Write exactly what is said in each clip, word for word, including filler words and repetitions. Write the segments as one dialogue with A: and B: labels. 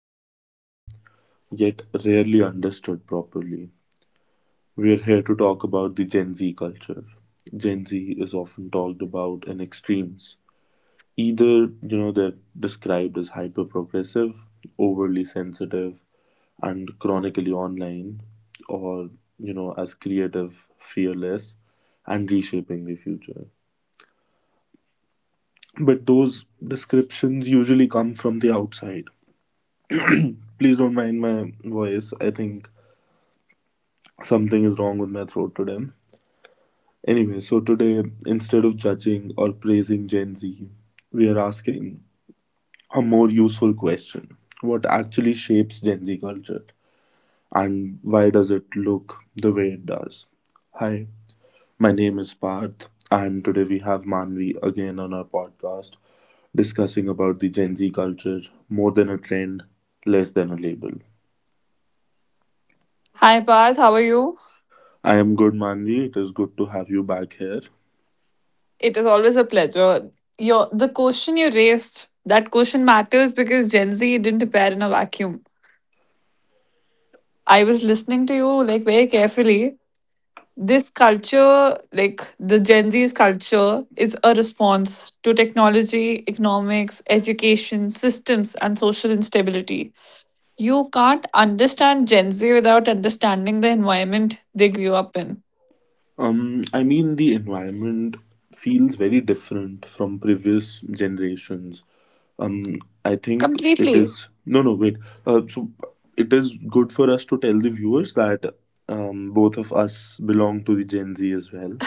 A: constantly yet rarely understood properly. We're here to talk about the Gen Z culture. Gen Z is often talked about in extremes. Either, you know, they're described as hyper progressive, overly sensitive, and chronically online, or, you know, as creative, fearless, and reshaping the future. But those descriptions usually come from the outside. Please don't mind my voice. I think something is wrong with my throat today. Anyway, so today, instead of judging or praising Gen Z, we are asking a more useful question: what actually shapes Gen Z culture? And why does it look the way it does? Hi, my name is Parth, and today we have Manvi again on our podcast, discussing about the Gen Z culture, more than a trend, less than a label.
B: Hi Parth, how are you?
A: I am good, Manvi. It is good to have you back here.
B: It is always a pleasure. Your the question you raised, that question matters because Gen Z didn't appear in a vacuum. I was listening to you like very carefully. This culture, like the Gen Z's culture, is a response to technology, economics, education, systems, and social instability. You can't understand Gen Z without understanding the environment they grew up in.
A: Um, I mean, the environment feels very different from previous generations. Um, I think it
B: Completely.
A: is, no, no, wait. Uh, so it is good for us to tell the viewers that um, both of us belong to the Gen Z as well.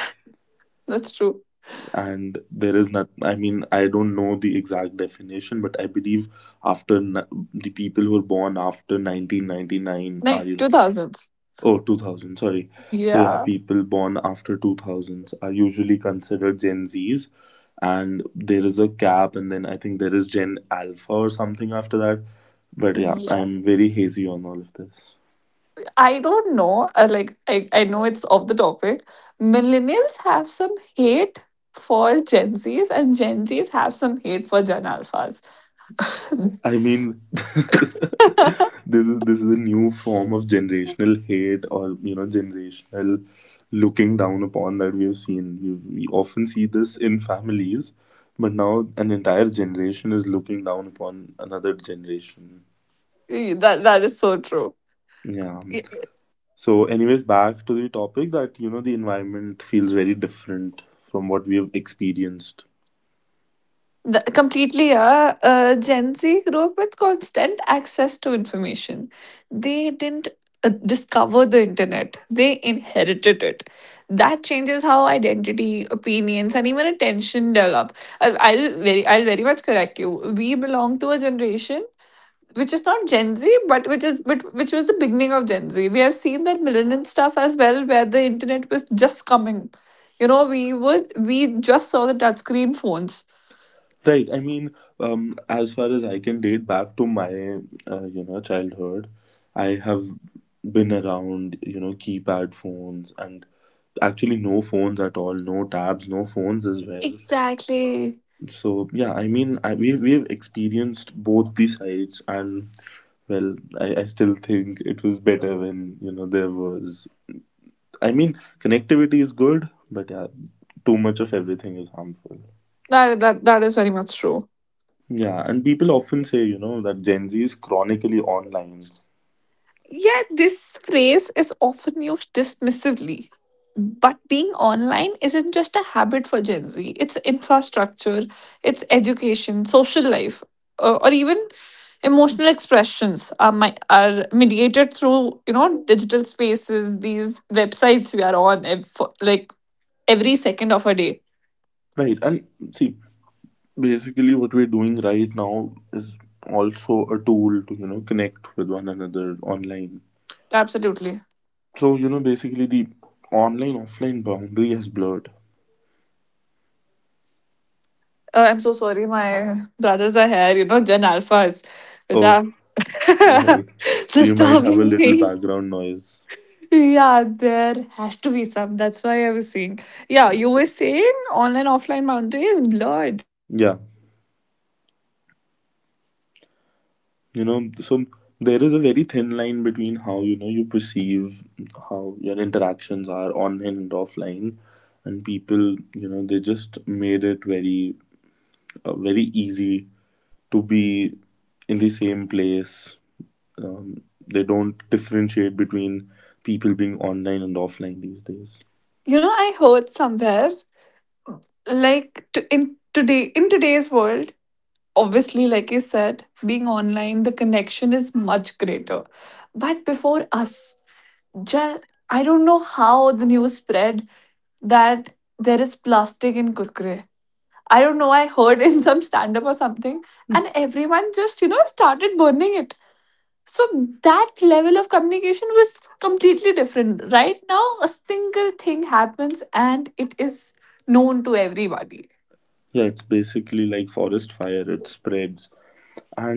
B: That's true.
A: And there is not, I mean, I don't know the exact definition, but I believe after n- the people who were born after nineteen ninety-nine are
B: Nay,
A: you know
B: two thousands.
A: Oh, two thousand, sorry. So yeah,
B: Yeah.
A: people born after two thousands are usually considered Gen Z's, and there is a cap, and then I think there is Gen Alpha or something after that, but yeah,
B: Yeah,
A: I'm very hazy on all of this.
B: I don't know. Uh, like, I, I know it's off the topic. Millennials have some hate for Gen Zs, and Gen Zs have some hate for Gen Alphas.
A: I mean, this is this is a new form of generational hate, or you know generational looking down upon that we have seen. We, we often see this in families, but now an entire generation is looking down upon another generation.
B: that that is so true.
A: Yeah. So, anyways, back to the topic that you know the environment feels very different from what we have experienced.
B: The, completely, yeah. Uh, Gen Z grew up with constant access to information. They didn't uh, discover the internet, they inherited it. That changes how identity, opinions, and even attention develop. I, I'll, very, I'll very much correct you. We belong to a generation which is not Gen Z, but which is but which was the beginning of Gen Z. We have seen that millennial stuff as well, where the internet was just coming. You know, we were we just saw the touchscreen phones.
A: Right. I mean, um, as far as I can date back to my, uh, you know, childhood, I have been around, you know, keypad phones, and actually no phones at all, no tabs, no phones as well.
B: Exactly.
A: So yeah, I mean, I, we we've experienced both the sides, and well, I, I still think it was better when, you know, there was. I mean, connectivity is good, but yeah, too much of everything is harmful.
B: That that that is very much true.
A: Yeah, and people often say, you know, that Gen Z is chronically online.
B: Yeah, this phrase is often used dismissively. But being online isn't just a habit for Gen Z. It's infrastructure, it's education, social life, uh, or even emotional expressions are my, are mediated through you know digital spaces. These websites we are on ev- for, like, every second of a day.
A: Right. And see, basically what we're doing right now is also a tool to, you know, connect with one another online.
B: Absolutely.
A: So, you know, basically the online offline boundary has blurred.
B: Uh, I'm so sorry. My brothers are here. You know, Gen Alphas, which
A: Oh,
B: are
A: right. So you might have a
B: disturbing
A: little
B: me.
A: background noise.
B: Yeah, there has to be some. That's why I was saying. Yeah, you were saying online offline boundary is blurred.
A: Yeah.
B: Exactly, yeah. For Gen Z, the internet isn't
A: You
B: an
A: know
B: escape
A: so
B: from
A: there is
B: reality.
A: a
B: It
A: very
B: is
A: thin line
B: part
A: between
B: of the
A: how you know
B: reality
A: you
B: now.
A: perceive
B: That means
A: how your
B: cultural trends
A: interactions
B: move
A: are online
B: faster,
A: and
B: but so
A: offline,
B: does
A: and
B: emotional
A: people you
B: burnout.
A: know they just made it very uh, very easy to be in the same place. Um, they don't differentiate between people being online and offline these days.
B: You know, I heard somewhere like to, in today in today's world, obviously, like you said, being online the connection is much greater, but before us, just, I don't know how the news spread that there is plastic in kurkure. I don't know, I heard in some stand up or something, and everyone just, you know, started burning it. So that level of communication was completely different. Right now a single thing happens and it is known to everybody.
A: Yeah, it's basically like forest fire, it spreads.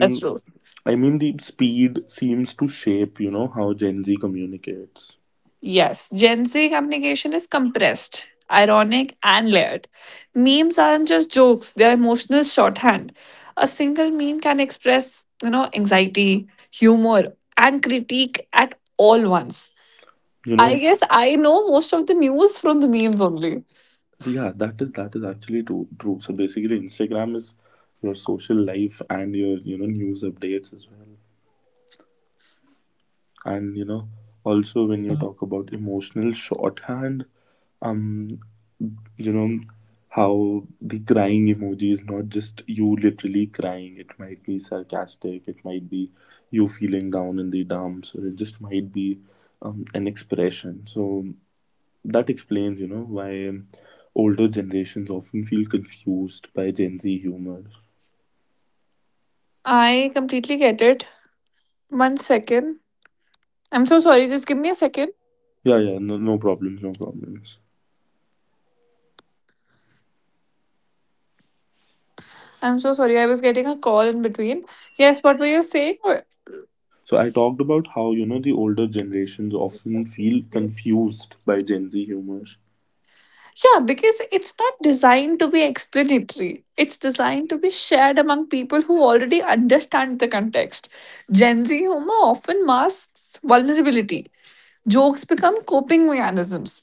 B: That's true.
A: I mean, the speed seems to shape you know how Gen Z communicates
B: Yes, Gen Z communication is compressed, ironic, and layered. Memes aren't just jokes, they're emotional shorthand. A single meme can express, you know, anxiety, humor, and critique at all once.
A: you know
B: I guess I know most of the news from the memes only.
A: Yeah, that is that is actually true. True. So basically, Instagram is your social life and your you know news updates as well. And you know, also when you talk about emotional shorthand, um, you know how the crying emoji is not just you literally crying. It might be sarcastic. It might be you feeling down in the dumps, or it just might be um, an expression. So that explains, you know, why um, older generations often feel confused by Gen Z humor.
B: I completely get it. One second. I'm so sorry, just give me a second.
A: Yeah, yeah, no, no problems, no problems.
B: I'm so sorry, I was getting a call in between. Yes, what were you saying?
A: So I talked about how, you know, the older generations often feel confused by Gen Z humor.
B: Yeah, because it's not designed to be explanatory. It's designed to be shared among people who already understand the context. Gen Z humor often masks vulnerability. Jokes become coping mechanisms.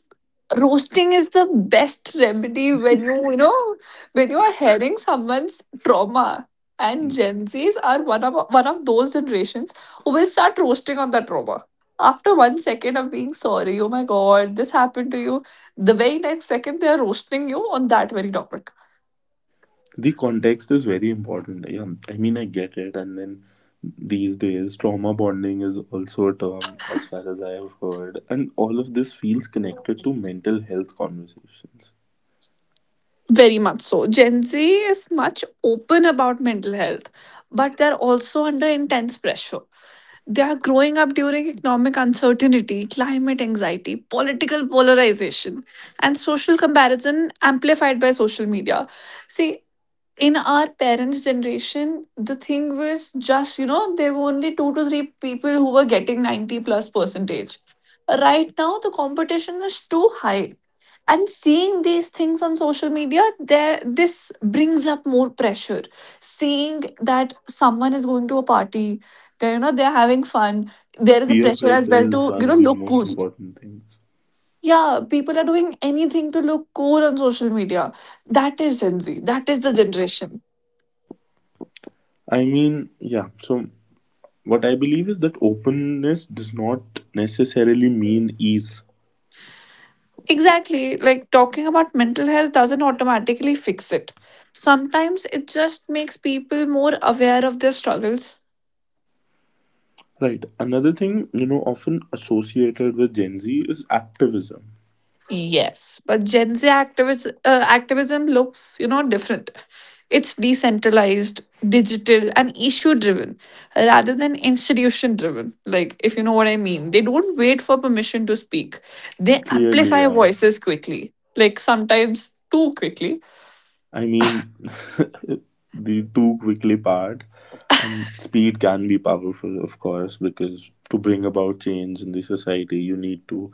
B: Roasting is the best remedy when you, you know, when you are hearing someone's trauma. And
A: Mm.
B: Gen Zs are one of one of those generations who will start roasting on that trauma. After one second of being sorry, oh my god, this happened to you, the very next second they are roasting you on that very topic.
A: The context is very important. Yeah, I mean, I get it. And then these days, trauma bonding is also a term, as far as I have heard. And all of this feels connected to mental health conversations.
B: Very much so. Gen Z is much open about mental health, but they're also under intense pressure. They are growing up during economic uncertainty, climate anxiety, political polarization, and social comparison amplified by social media. See, in our parents' generation, the thing was just, you know, there were only two to three people who were getting ninety plus percentage. Right now, the competition is too high, and seeing these things on social media, there this brings up more pressure, seeing that someone is going to a party, they, you know, they're having fun. There is a
A: Peer
B: pressure as well
A: pressure is
B: to, you
A: one
B: know,
A: of the
B: look
A: most
B: cool.
A: important things.
B: Yeah, people are doing anything to look cool on social media. That is Gen Z, that is the generation.
A: I mean, yeah. So, what I believe is that openness does not necessarily mean ease.
B: Exactly, like talking about mental health doesn't automatically fix it. Sometimes it just makes people more aware of their struggles.
A: Right. Another thing, you know, often associated with Gen Z is activism.
B: Yes, but Gen Z activism uh, activism looks, you know, different. It's decentralized, digital, and issue driven rather than institution driven. Like, if you know what I mean, they don't wait for permission to speak, they
A: Clearly,
B: amplify
A: yeah.
B: voices quickly, like sometimes too quickly.
A: I mean, the too quickly part. Um, speed can be powerful, of course, because to bring about change in the society, you need to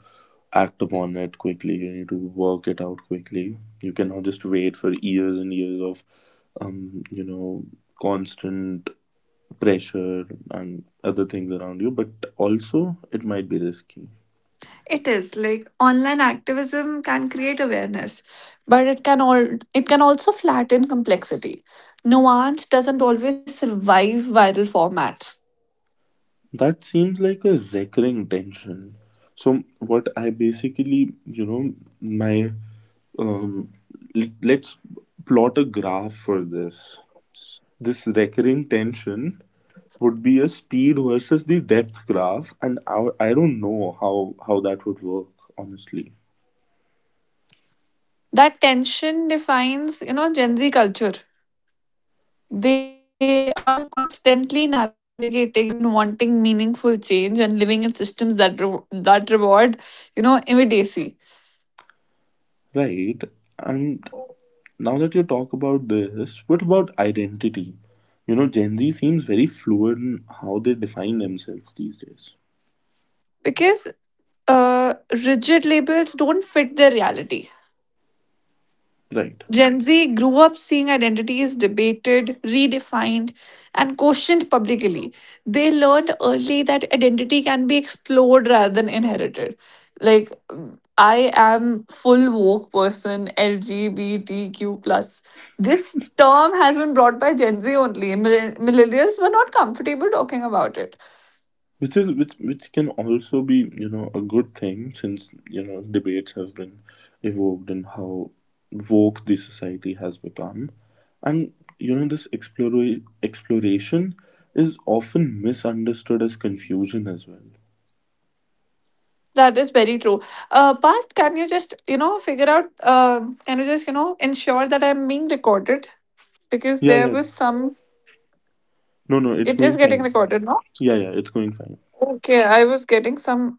A: act upon it quickly. You need to work it out quickly. You cannot just wait for years and years of, um, you know, constant pressure and other things around you. But also, it might be risky.
B: It is like online activism can create awareness, but it can all it can also flatten complexity. Nuance doesn't always survive viral formats.
A: That seems like a recurring tension. So, what I basically, you know, my, um, let, let's plot a graph for this. This recurring tension would be a speed versus the depth graph, and I, I don't know how, how that would work, honestly.
B: That tension defines, you know, Gen Z culture. They are constantly navigating between wanting meaningful change and living in systems that re- that reward, you know, immediacy.
A: Right? And now that you talk about this, what about identity? You know, Gen Z seems very fluid in how they define themselves these days.
B: Because uh, rigid labels don't fit their reality.
A: Right.
B: Gen Z grew up seeing identities debated, redefined, and questioned publicly. They learned early that identity can be explored rather than inherited. Like, I am full woke person, L G B T Q plus. This term has been brought by Gen Z only. Mill- Millennials were not comfortable talking about it.
A: which is which which can also be you know a good thing, since you know debates have been evoked in how woke the society has become. And you know this explora- exploration is often misunderstood as confusion as well.
B: That is very true. Uh, but can you just, you know, figure out, uh, can you just, you know, ensure that I'm being recorded? Because
A: Yeah,
B: there
A: yeah,
B: was some.
A: no, no, it's
B: It is
A: going
B: getting
A: fine.
B: recorded now.
A: Yeah, yeah, it's going fine.
B: Okay, I was getting some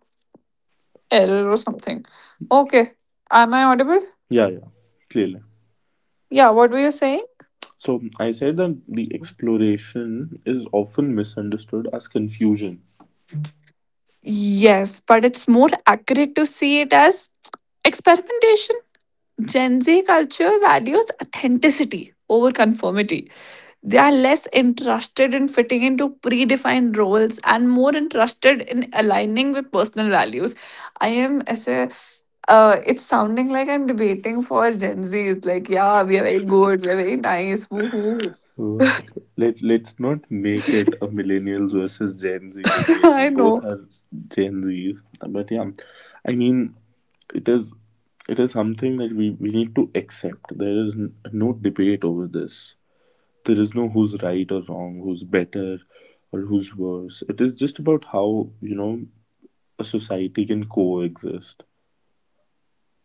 B: error or something. Okay, am I audible?
A: Yeah, yeah, clearly.
B: Yeah, what were you saying?
A: So I said that the exploration is often misunderstood as confusion.
B: Yes, but it's more accurate to see it as experimentation. Gen Z culture values authenticity over conformity. They are less interested in fitting into predefined roles and more interested in aligning with personal values. I am as a uh, it's sounding like I'm debating for Gen Zs. Like, yeah, we are very good, we're very nice, woohoo.
A: Uh, let let's not make it a millennials versus Gen Z debate. We
B: I
A: both
B: know.
A: are Gen Z's, but yeah, I mean, it is it is something that we we need to accept. There is n- no debate over this. There is no who's right or wrong, who's better or who's worse. It is just about how you know a society can coexist.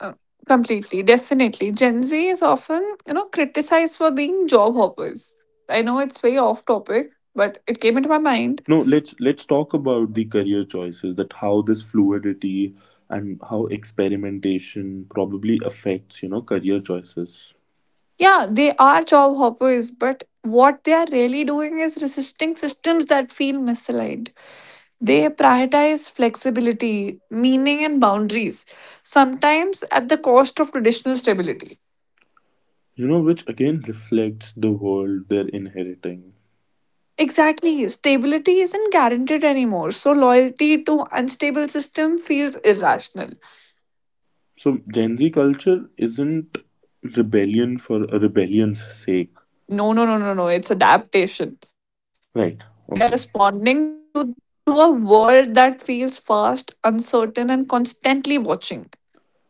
B: Uh, Completely, definitely. Gen Z is often, you know, criticized for being job hoppers. I know it's very off topic, but it came into my mind.
A: No, let's let's talk about the career choices, that how this fluidity and how experimentation probably affects, you know, career choices.
B: Yeah, they are job hoppers, but what they are really doing is resisting systems that feel misaligned. They prioritize flexibility, meaning, and boundaries, sometimes at the cost of traditional stability.
A: You know, which again reflects the world they're inheriting.
B: Exactly, stability isn't guaranteed anymore, so loyalty to unstable system feels irrational.
A: So Gen Z culture isn't rebellion for a rebellion's sake.
B: No, no, no, no, no, it's adaptation. They are
A: Right.
B: responding
A: Okay.
B: to to a world that feels fast, uncertain, and constantly watching.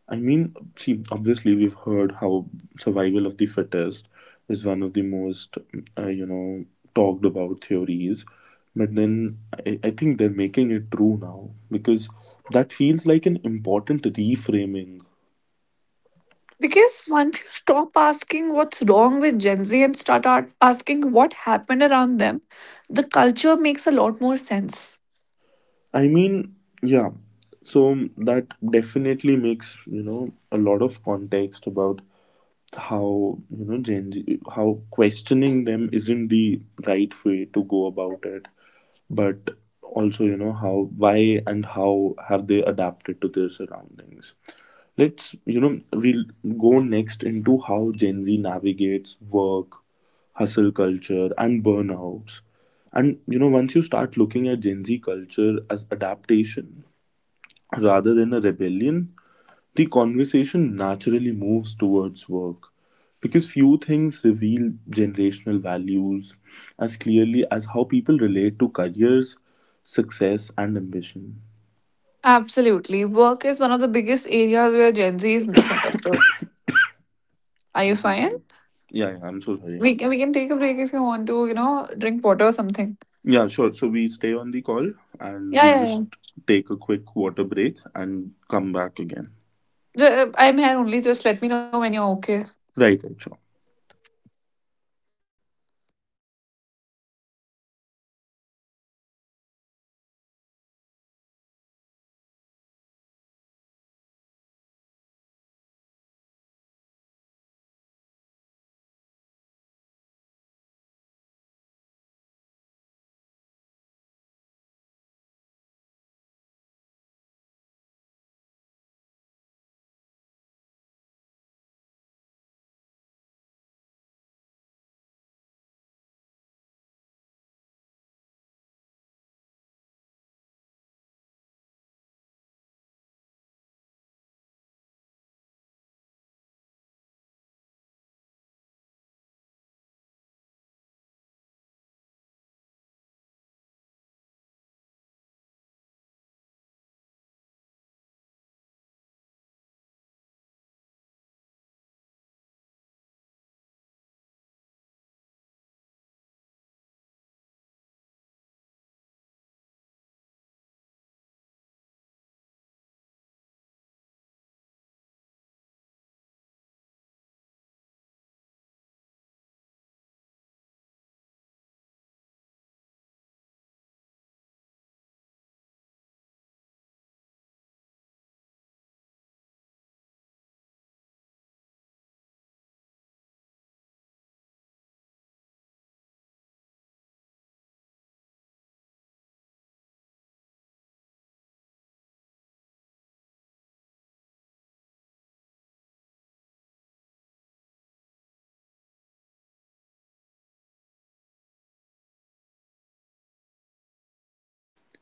A: I mean, see, obviously, we've heard how survival of the fittest is one of the most, uh, you know, talked about theories. But then I, I think they're making it true now, because that feels like an important reframing.
B: Because once you stop asking what's wrong with Gen Z and start ar- asking what happened around them, the culture makes a lot more sense.
A: I mean, yeah, so that definitely makes, you know, a lot of context about how, you know, Gen Z, how questioning them isn't the right way to go about it. But also you know how, why and how have they adapted to their surroundings. Let's, you know we'll go next into how Gen Z navigates work, hustle culture and burnouts. And you know once you start looking at Gen Z culture as adaptation rather than a rebellion, the conversation naturally moves towards work, because few things reveal generational values as clearly as how people relate to careers, success, and ambition.
B: Absolutely. Work is one of the biggest areas where Gen Z is misunderstood. Are you
A: I'm so
B: fine?
A: sorry. Yeah, yeah, I'm so sorry.
B: We can, we can take a break if you want to, you know, drink water or something.
A: Yeah, sure. So we stay on the call and
B: Yeah,
A: we'll
B: yeah, yeah.
A: just take a quick water break and come back again.
B: Ju- uh, I'm here only. Just let me know when you're okay.
A: Right, right, sure.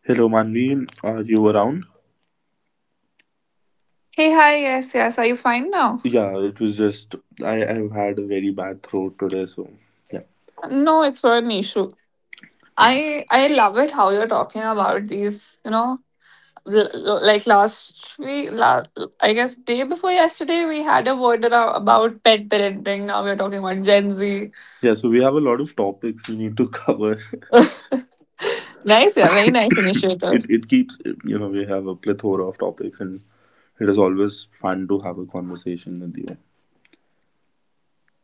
A: Hello, Manvi. Are you around?
B: Hey, hi. Yes, yes. Are you fine now?
A: Yeah, it was just I, I've had a very bad throat today, so yeah.
B: No, it's not an issue. I I love it how you're talking about these, you know, l- l- like last week, la- I guess day before yesterday, we had a word arou- about pet parenting. Now we're talking about Gen Z.
A: Yeah, so we have a lot of topics we need to cover.
B: Nice, yeah, very nice
A: it
B: initiative.
A: it keeps, you know we have a plethora of topics, and it is always fun to have a conversation with you.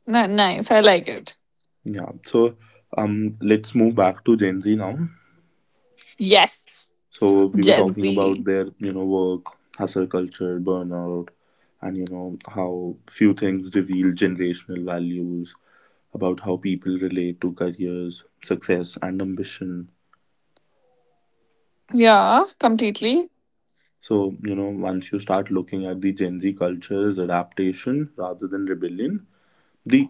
B: Ni- nice, I like it.
A: Yeah, so um, let's move back to Gen Z now.
B: Yes,
A: So we were
B: Gen
A: talking
B: Z.
A: about their you know work, hustle culture, burnout, and you know how few things reveal generational values about how people relate to careers, success, and ambition.
B: Yeah, completely.
A: So, you know, once you start looking at the Gen Z culture as adaptation rather than rebellion, the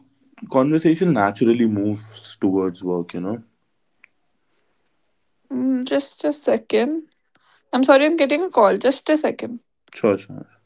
A: conversation naturally moves towards work, you know.
B: Mm, Just a second. I'm sorry, I'm getting a call. Just a second.
A: Sure, sure.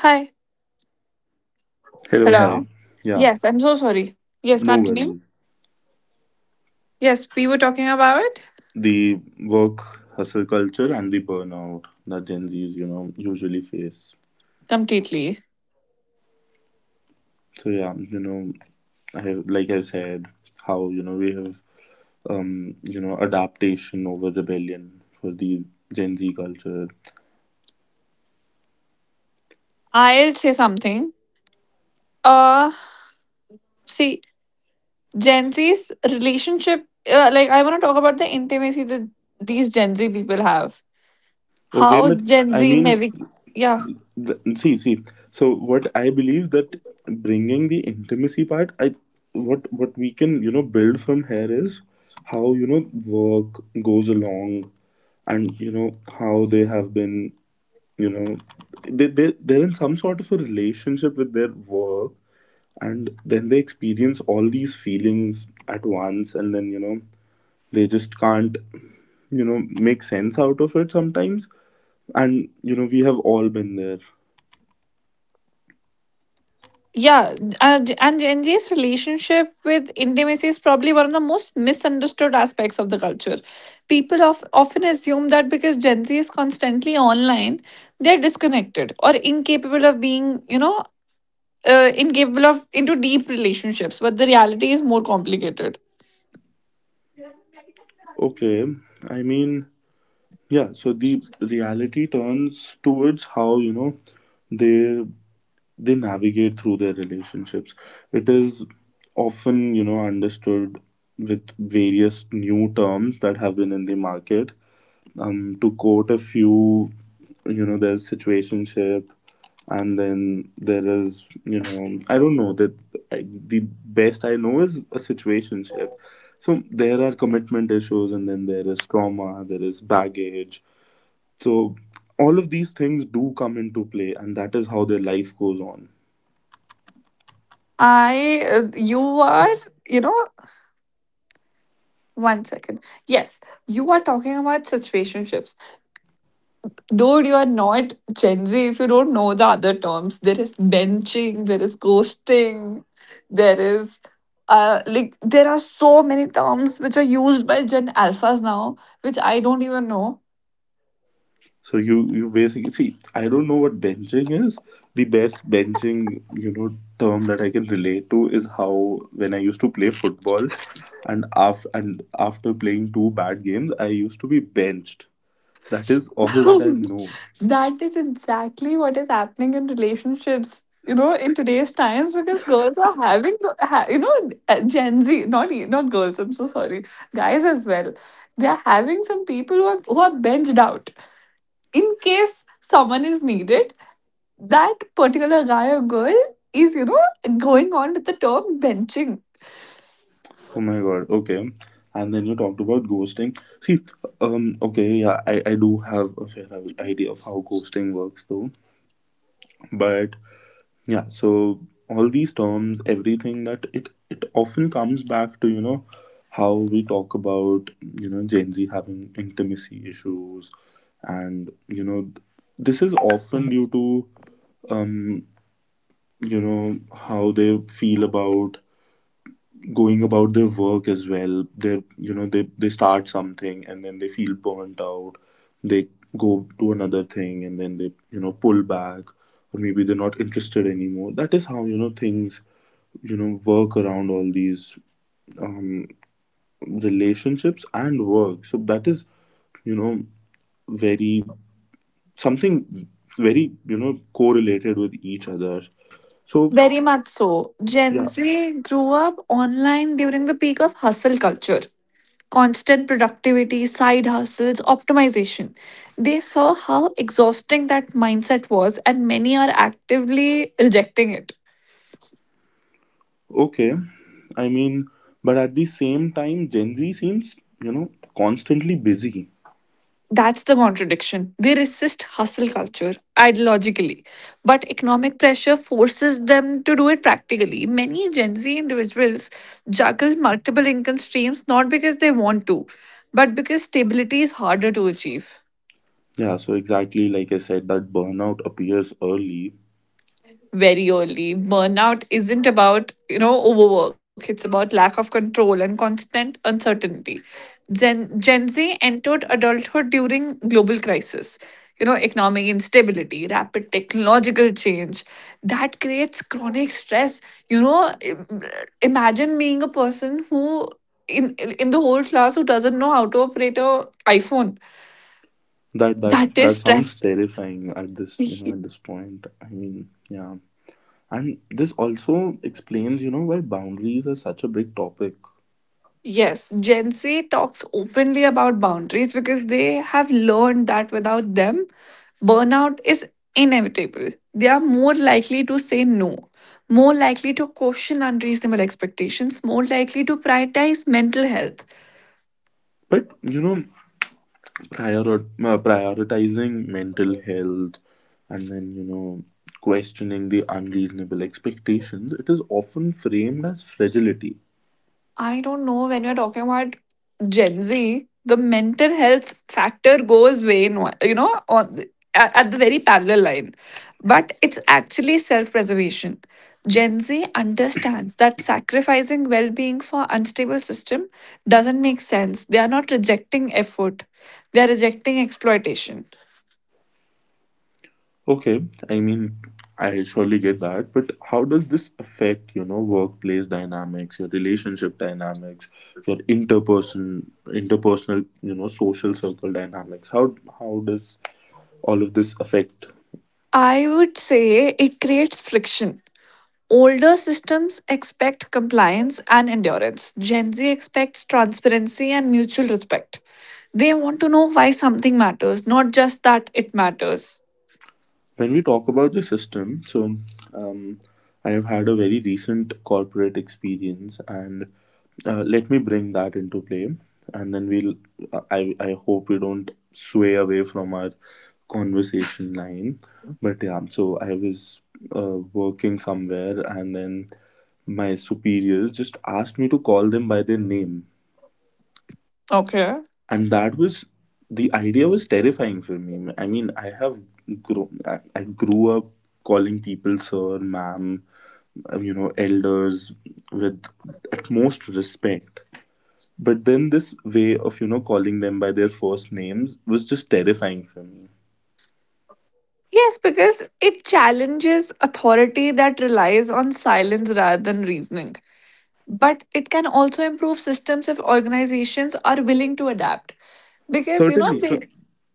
B: Hi.
A: Hello,
B: Hello.
A: hi. Yeah,
B: Yes, I'm so sorry. Yes,
A: no
B: continue.
A: worries.
B: Yes, we were talking about it
A: The work hustle culture and the burnout that Gen Z's, you know, usually face.
B: completely.
A: So yeah, you know, I have, like I said, how you know we have um, you know, adaptation over rebellion for the Gen Z culture.
B: I'll say something. Uh, See, Gen Z's relationship, uh, like I want to talk about the intimacy that these Gen Z people have.
A: Okay,
B: How
A: but
B: Gen
A: I
B: Z
A: mean,
B: navigate, yeah,
A: Th- see see, so what I believe, that bringing the intimacy part, I what what we can you know build from here is how you know work goes along, and you know how they have been, you know they, they they're in some sort of a relationship with their work, and then they experience all these feelings at once, and then you know they just can't you know make sense out of it sometimes. And you know we have all been there.
B: yeah, uh, and Gen Z's relationship with intimacy is probably one of the most misunderstood aspects of the culture. People of, often assume that because Gen Z is constantly online, they're disconnected or incapable of being, you know, uh, incapable of into deep relationships. But the reality is more complicated.
A: Okay, I mean, yeah, so the reality turns towards how, you know, they they navigate through their relationships. It is often, you know, understood with various new terms that have been in the market, um, to quote a few, you know, there's situationship, and then there is, you know, I don't know that I, the best I know is a situationship. So there are commitment issues, and then there is trauma, there is baggage. So all of these things do come into play, and that is how their life goes on.
B: I, uh, you are you know One second. Yes, you are talking about situationships. Dude, you are not Gen Z if you don't know the other terms. There is benching, there is ghosting, there is uh like there are so many terms which are used by Gen Alphas now, which I don't even know.
A: So you you basically see, I don't know what benching is. The best benching, you know, term that I can relate to is how when I used to play football and af- and after playing two bad games, I used to be benched. That is all that I know.
B: That is exactly what is happening in relationships, you know, in today's times, because girls are having the, ha, you know, uh, Gen Z, not e- not girls, I'm so sorry, guys as well. They are having some people who are, who are benched out in case someone is needed. That particular guy or girl is, you know, going on with the term benching.
A: Oh my god, okay. And then you talked about ghosting. See, um, okay, yeah, I, I do have a fair idea of how ghosting works though. But yeah, so all these terms, everything that it it often comes back to, you know how we talk about, you know Gen Z having intimacy issues. And, you know this is often due to, um you know, how they feel about going about their work as well. They, you know they they start something and then they feel burnt out, they go to another thing and then they, you know pull back, or maybe they're not interested anymore. That is how, you know things, you know work around all these, um, relationships and work. So that is, you know very something, very, you know correlated with each other. So
B: Very much so. Gen
A: yeah,
B: Z grew up online during the peak of hustle culture, constant productivity, side hustles, optimization. They saw how exhausting that mindset was, and many are actively rejecting it.
A: okay, I mean, but at the same time Gen Z seems, you know constantly busy.
B: That's the contradiction. They resist hustle culture ideologically, but economic pressure forces them to do it practically. Many Gen Z individuals juggle multiple income streams not because they want to, but because stability is harder to achieve.
A: Yeah, so exactly like I said, that burnout appears early.
B: Very early. Burnout isn't about, you know, overwork. It's about lack of control and constant uncertainty. Gen, Gen Z entered adulthood during global crisis, you know, economic instability, rapid technological change. That creates chronic stress. You know, im- imagine being a person who in in the whole class who doesn't know how to operate a iPhone.
A: that that
B: That is
A: that sounds
B: stress.
A: terrifying at this, you know at this point, I mean, yeah. And this also explains, you know, why boundaries are such a big topic.
B: Yes, Gen Z talks openly about boundaries because they have learned that without them, burnout is inevitable. They are more likely to say no, more likely to question unreasonable expectations, more likely to prioritize mental health.
A: But, you know, prior, uh, prioritizing mental health, and then, you know, questioning the unreasonable expectations, it is often framed as fragility.
B: I don't know, when you're talking about Gen Z, the mental health factor goes way, in, you know, on the, at at the very parallel line. But it's actually self preservation. Gen Z understands that sacrificing well being for unstable system doesn't make sense. They are not rejecting effort, they are rejecting exploitation.
A: Okay, I mean, I surely get that, but how does this affect, you know, workplace dynamics, your relationship dynamics, your interperson, interpersonal, you know, social circle dynamics? How how does all of this affect?
B: I would say it creates friction. Older systems expect compliance and endurance. Gen Z expects transparency and mutual respect. They want to know why something matters, not just that it matters.
A: When we talk about the system, so, um, I have had a very recent corporate experience, and uh, let me bring that into play, and then we'll. I I hope we don't sway away from our conversation line, but yeah. So I was, uh, working somewhere, and then my superiors just asked me to call them by their name,
B: Okay.
A: and that was, the idea was terrifying for me. I mean, I have grown I I grew up calling people sir, ma'am, uh, you know, elders, with at most respect. But then this way of, you know calling them by their first names was just terrifying for me.
B: Yes, because it challenges authority that relies on silence rather than reasoning. But it can also improve systems if organizations are willing to adapt. Because, you know,
A: Certainly.
B: they,
A: So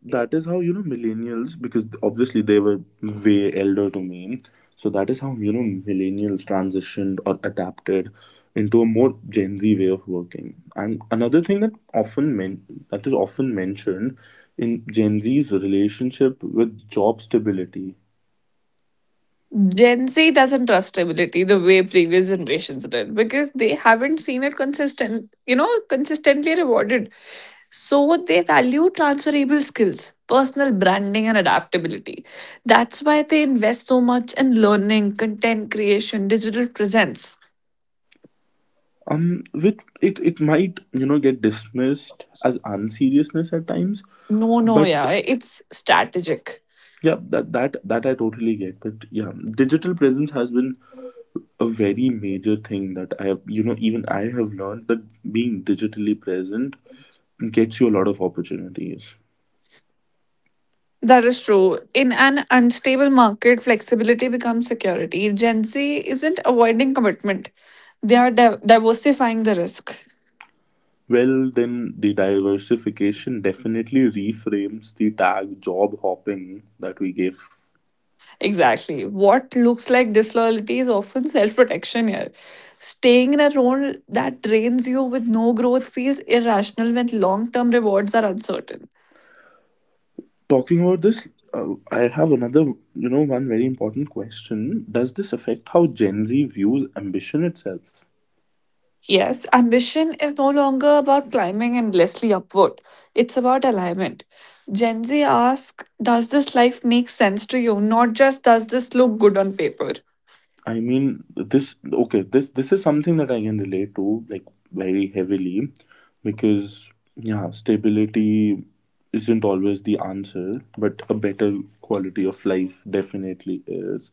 A: that is how, you know, millennials, because obviously they were way elder to me. So that is how, you know, millennials transitioned or adapted into a more Gen Z way of working. And another thing that often men- that is often mentioned in Gen Z's relationship with job stability.
B: Gen Z doesn't trust stability the way previous generations did because they haven't seen it consistent, you know, consistently rewarded. So they value transferable skills, personal branding, and adaptability. That's why they invest so much in learning, content creation, digital presence.
A: Um, which it, it might, you know, get dismissed as unseriousness at times.
B: No, no,
A: But
B: yeah, it's strategic.
A: yeah, that that that I totally get. But yeah, digital presence has been a very major thing that I have, you know, even I have learned that being digitally present gets you a lot of opportunities.
B: That is true. In an unstable market, flexibility becomes security. Gen Z isn't avoiding commitment, they are div- diversifying the risk.
A: Well, then the diversification definitely reframes the tag job hopping that we gave.
B: Exactly. What looks like disloyalty is often self protection here. Staying in a role that drains you with no growth feels irrational when long term rewards are uncertain.
A: Talking about this, uh, I have another, you know, one very important question. Does this affect how Gen Z views ambition itself?
B: Yes, ambition is no longer about climbing endlessly upward, it's about alignment. Gen Z asks, does this life make sense to you? Not just does this look good on paper.
A: I mean, this, okay, this this is something that I can relate to, like, very heavily, because, yeah, stability isn't always the answer, but a better quality of life definitely is.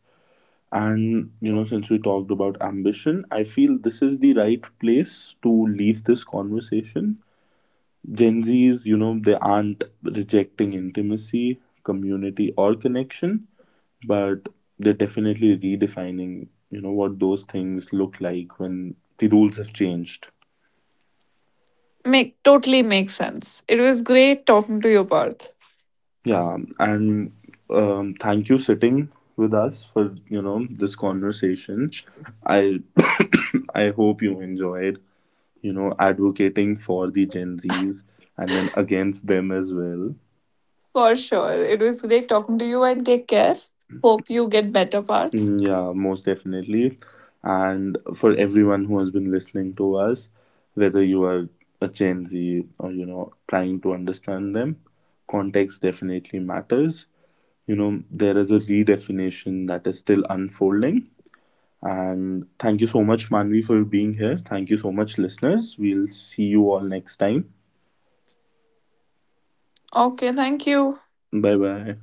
A: And, you know since we talked about ambition, I feel this is the right place to leave this conversation. Gen Z's, you know they aren't rejecting intimacy, community, or connection, but they're definitely redefining, you know what those things look like when the rules have changed.
B: Make totally makes sense. It was great talking to you, Parth.
A: Yeah, and um, thank you, sitting with us for, you know this conversation. I I hope you enjoyed, you know advocating for the Gen Z's and then against them as well.
B: For sure. It was great talking to you and take care. Hope you get better, Parth.
A: Mm, yeah, most definitely. And for everyone who has been listening to us, whether you are a Gen Z or, you know trying to understand them, context definitely matters. You know, there is a redefinition that is still unfolding. And thank you so much, Manvi, for being here. Thank you so much, listeners. We'll see you all next time.
B: Okay, thank you.
A: Bye bye.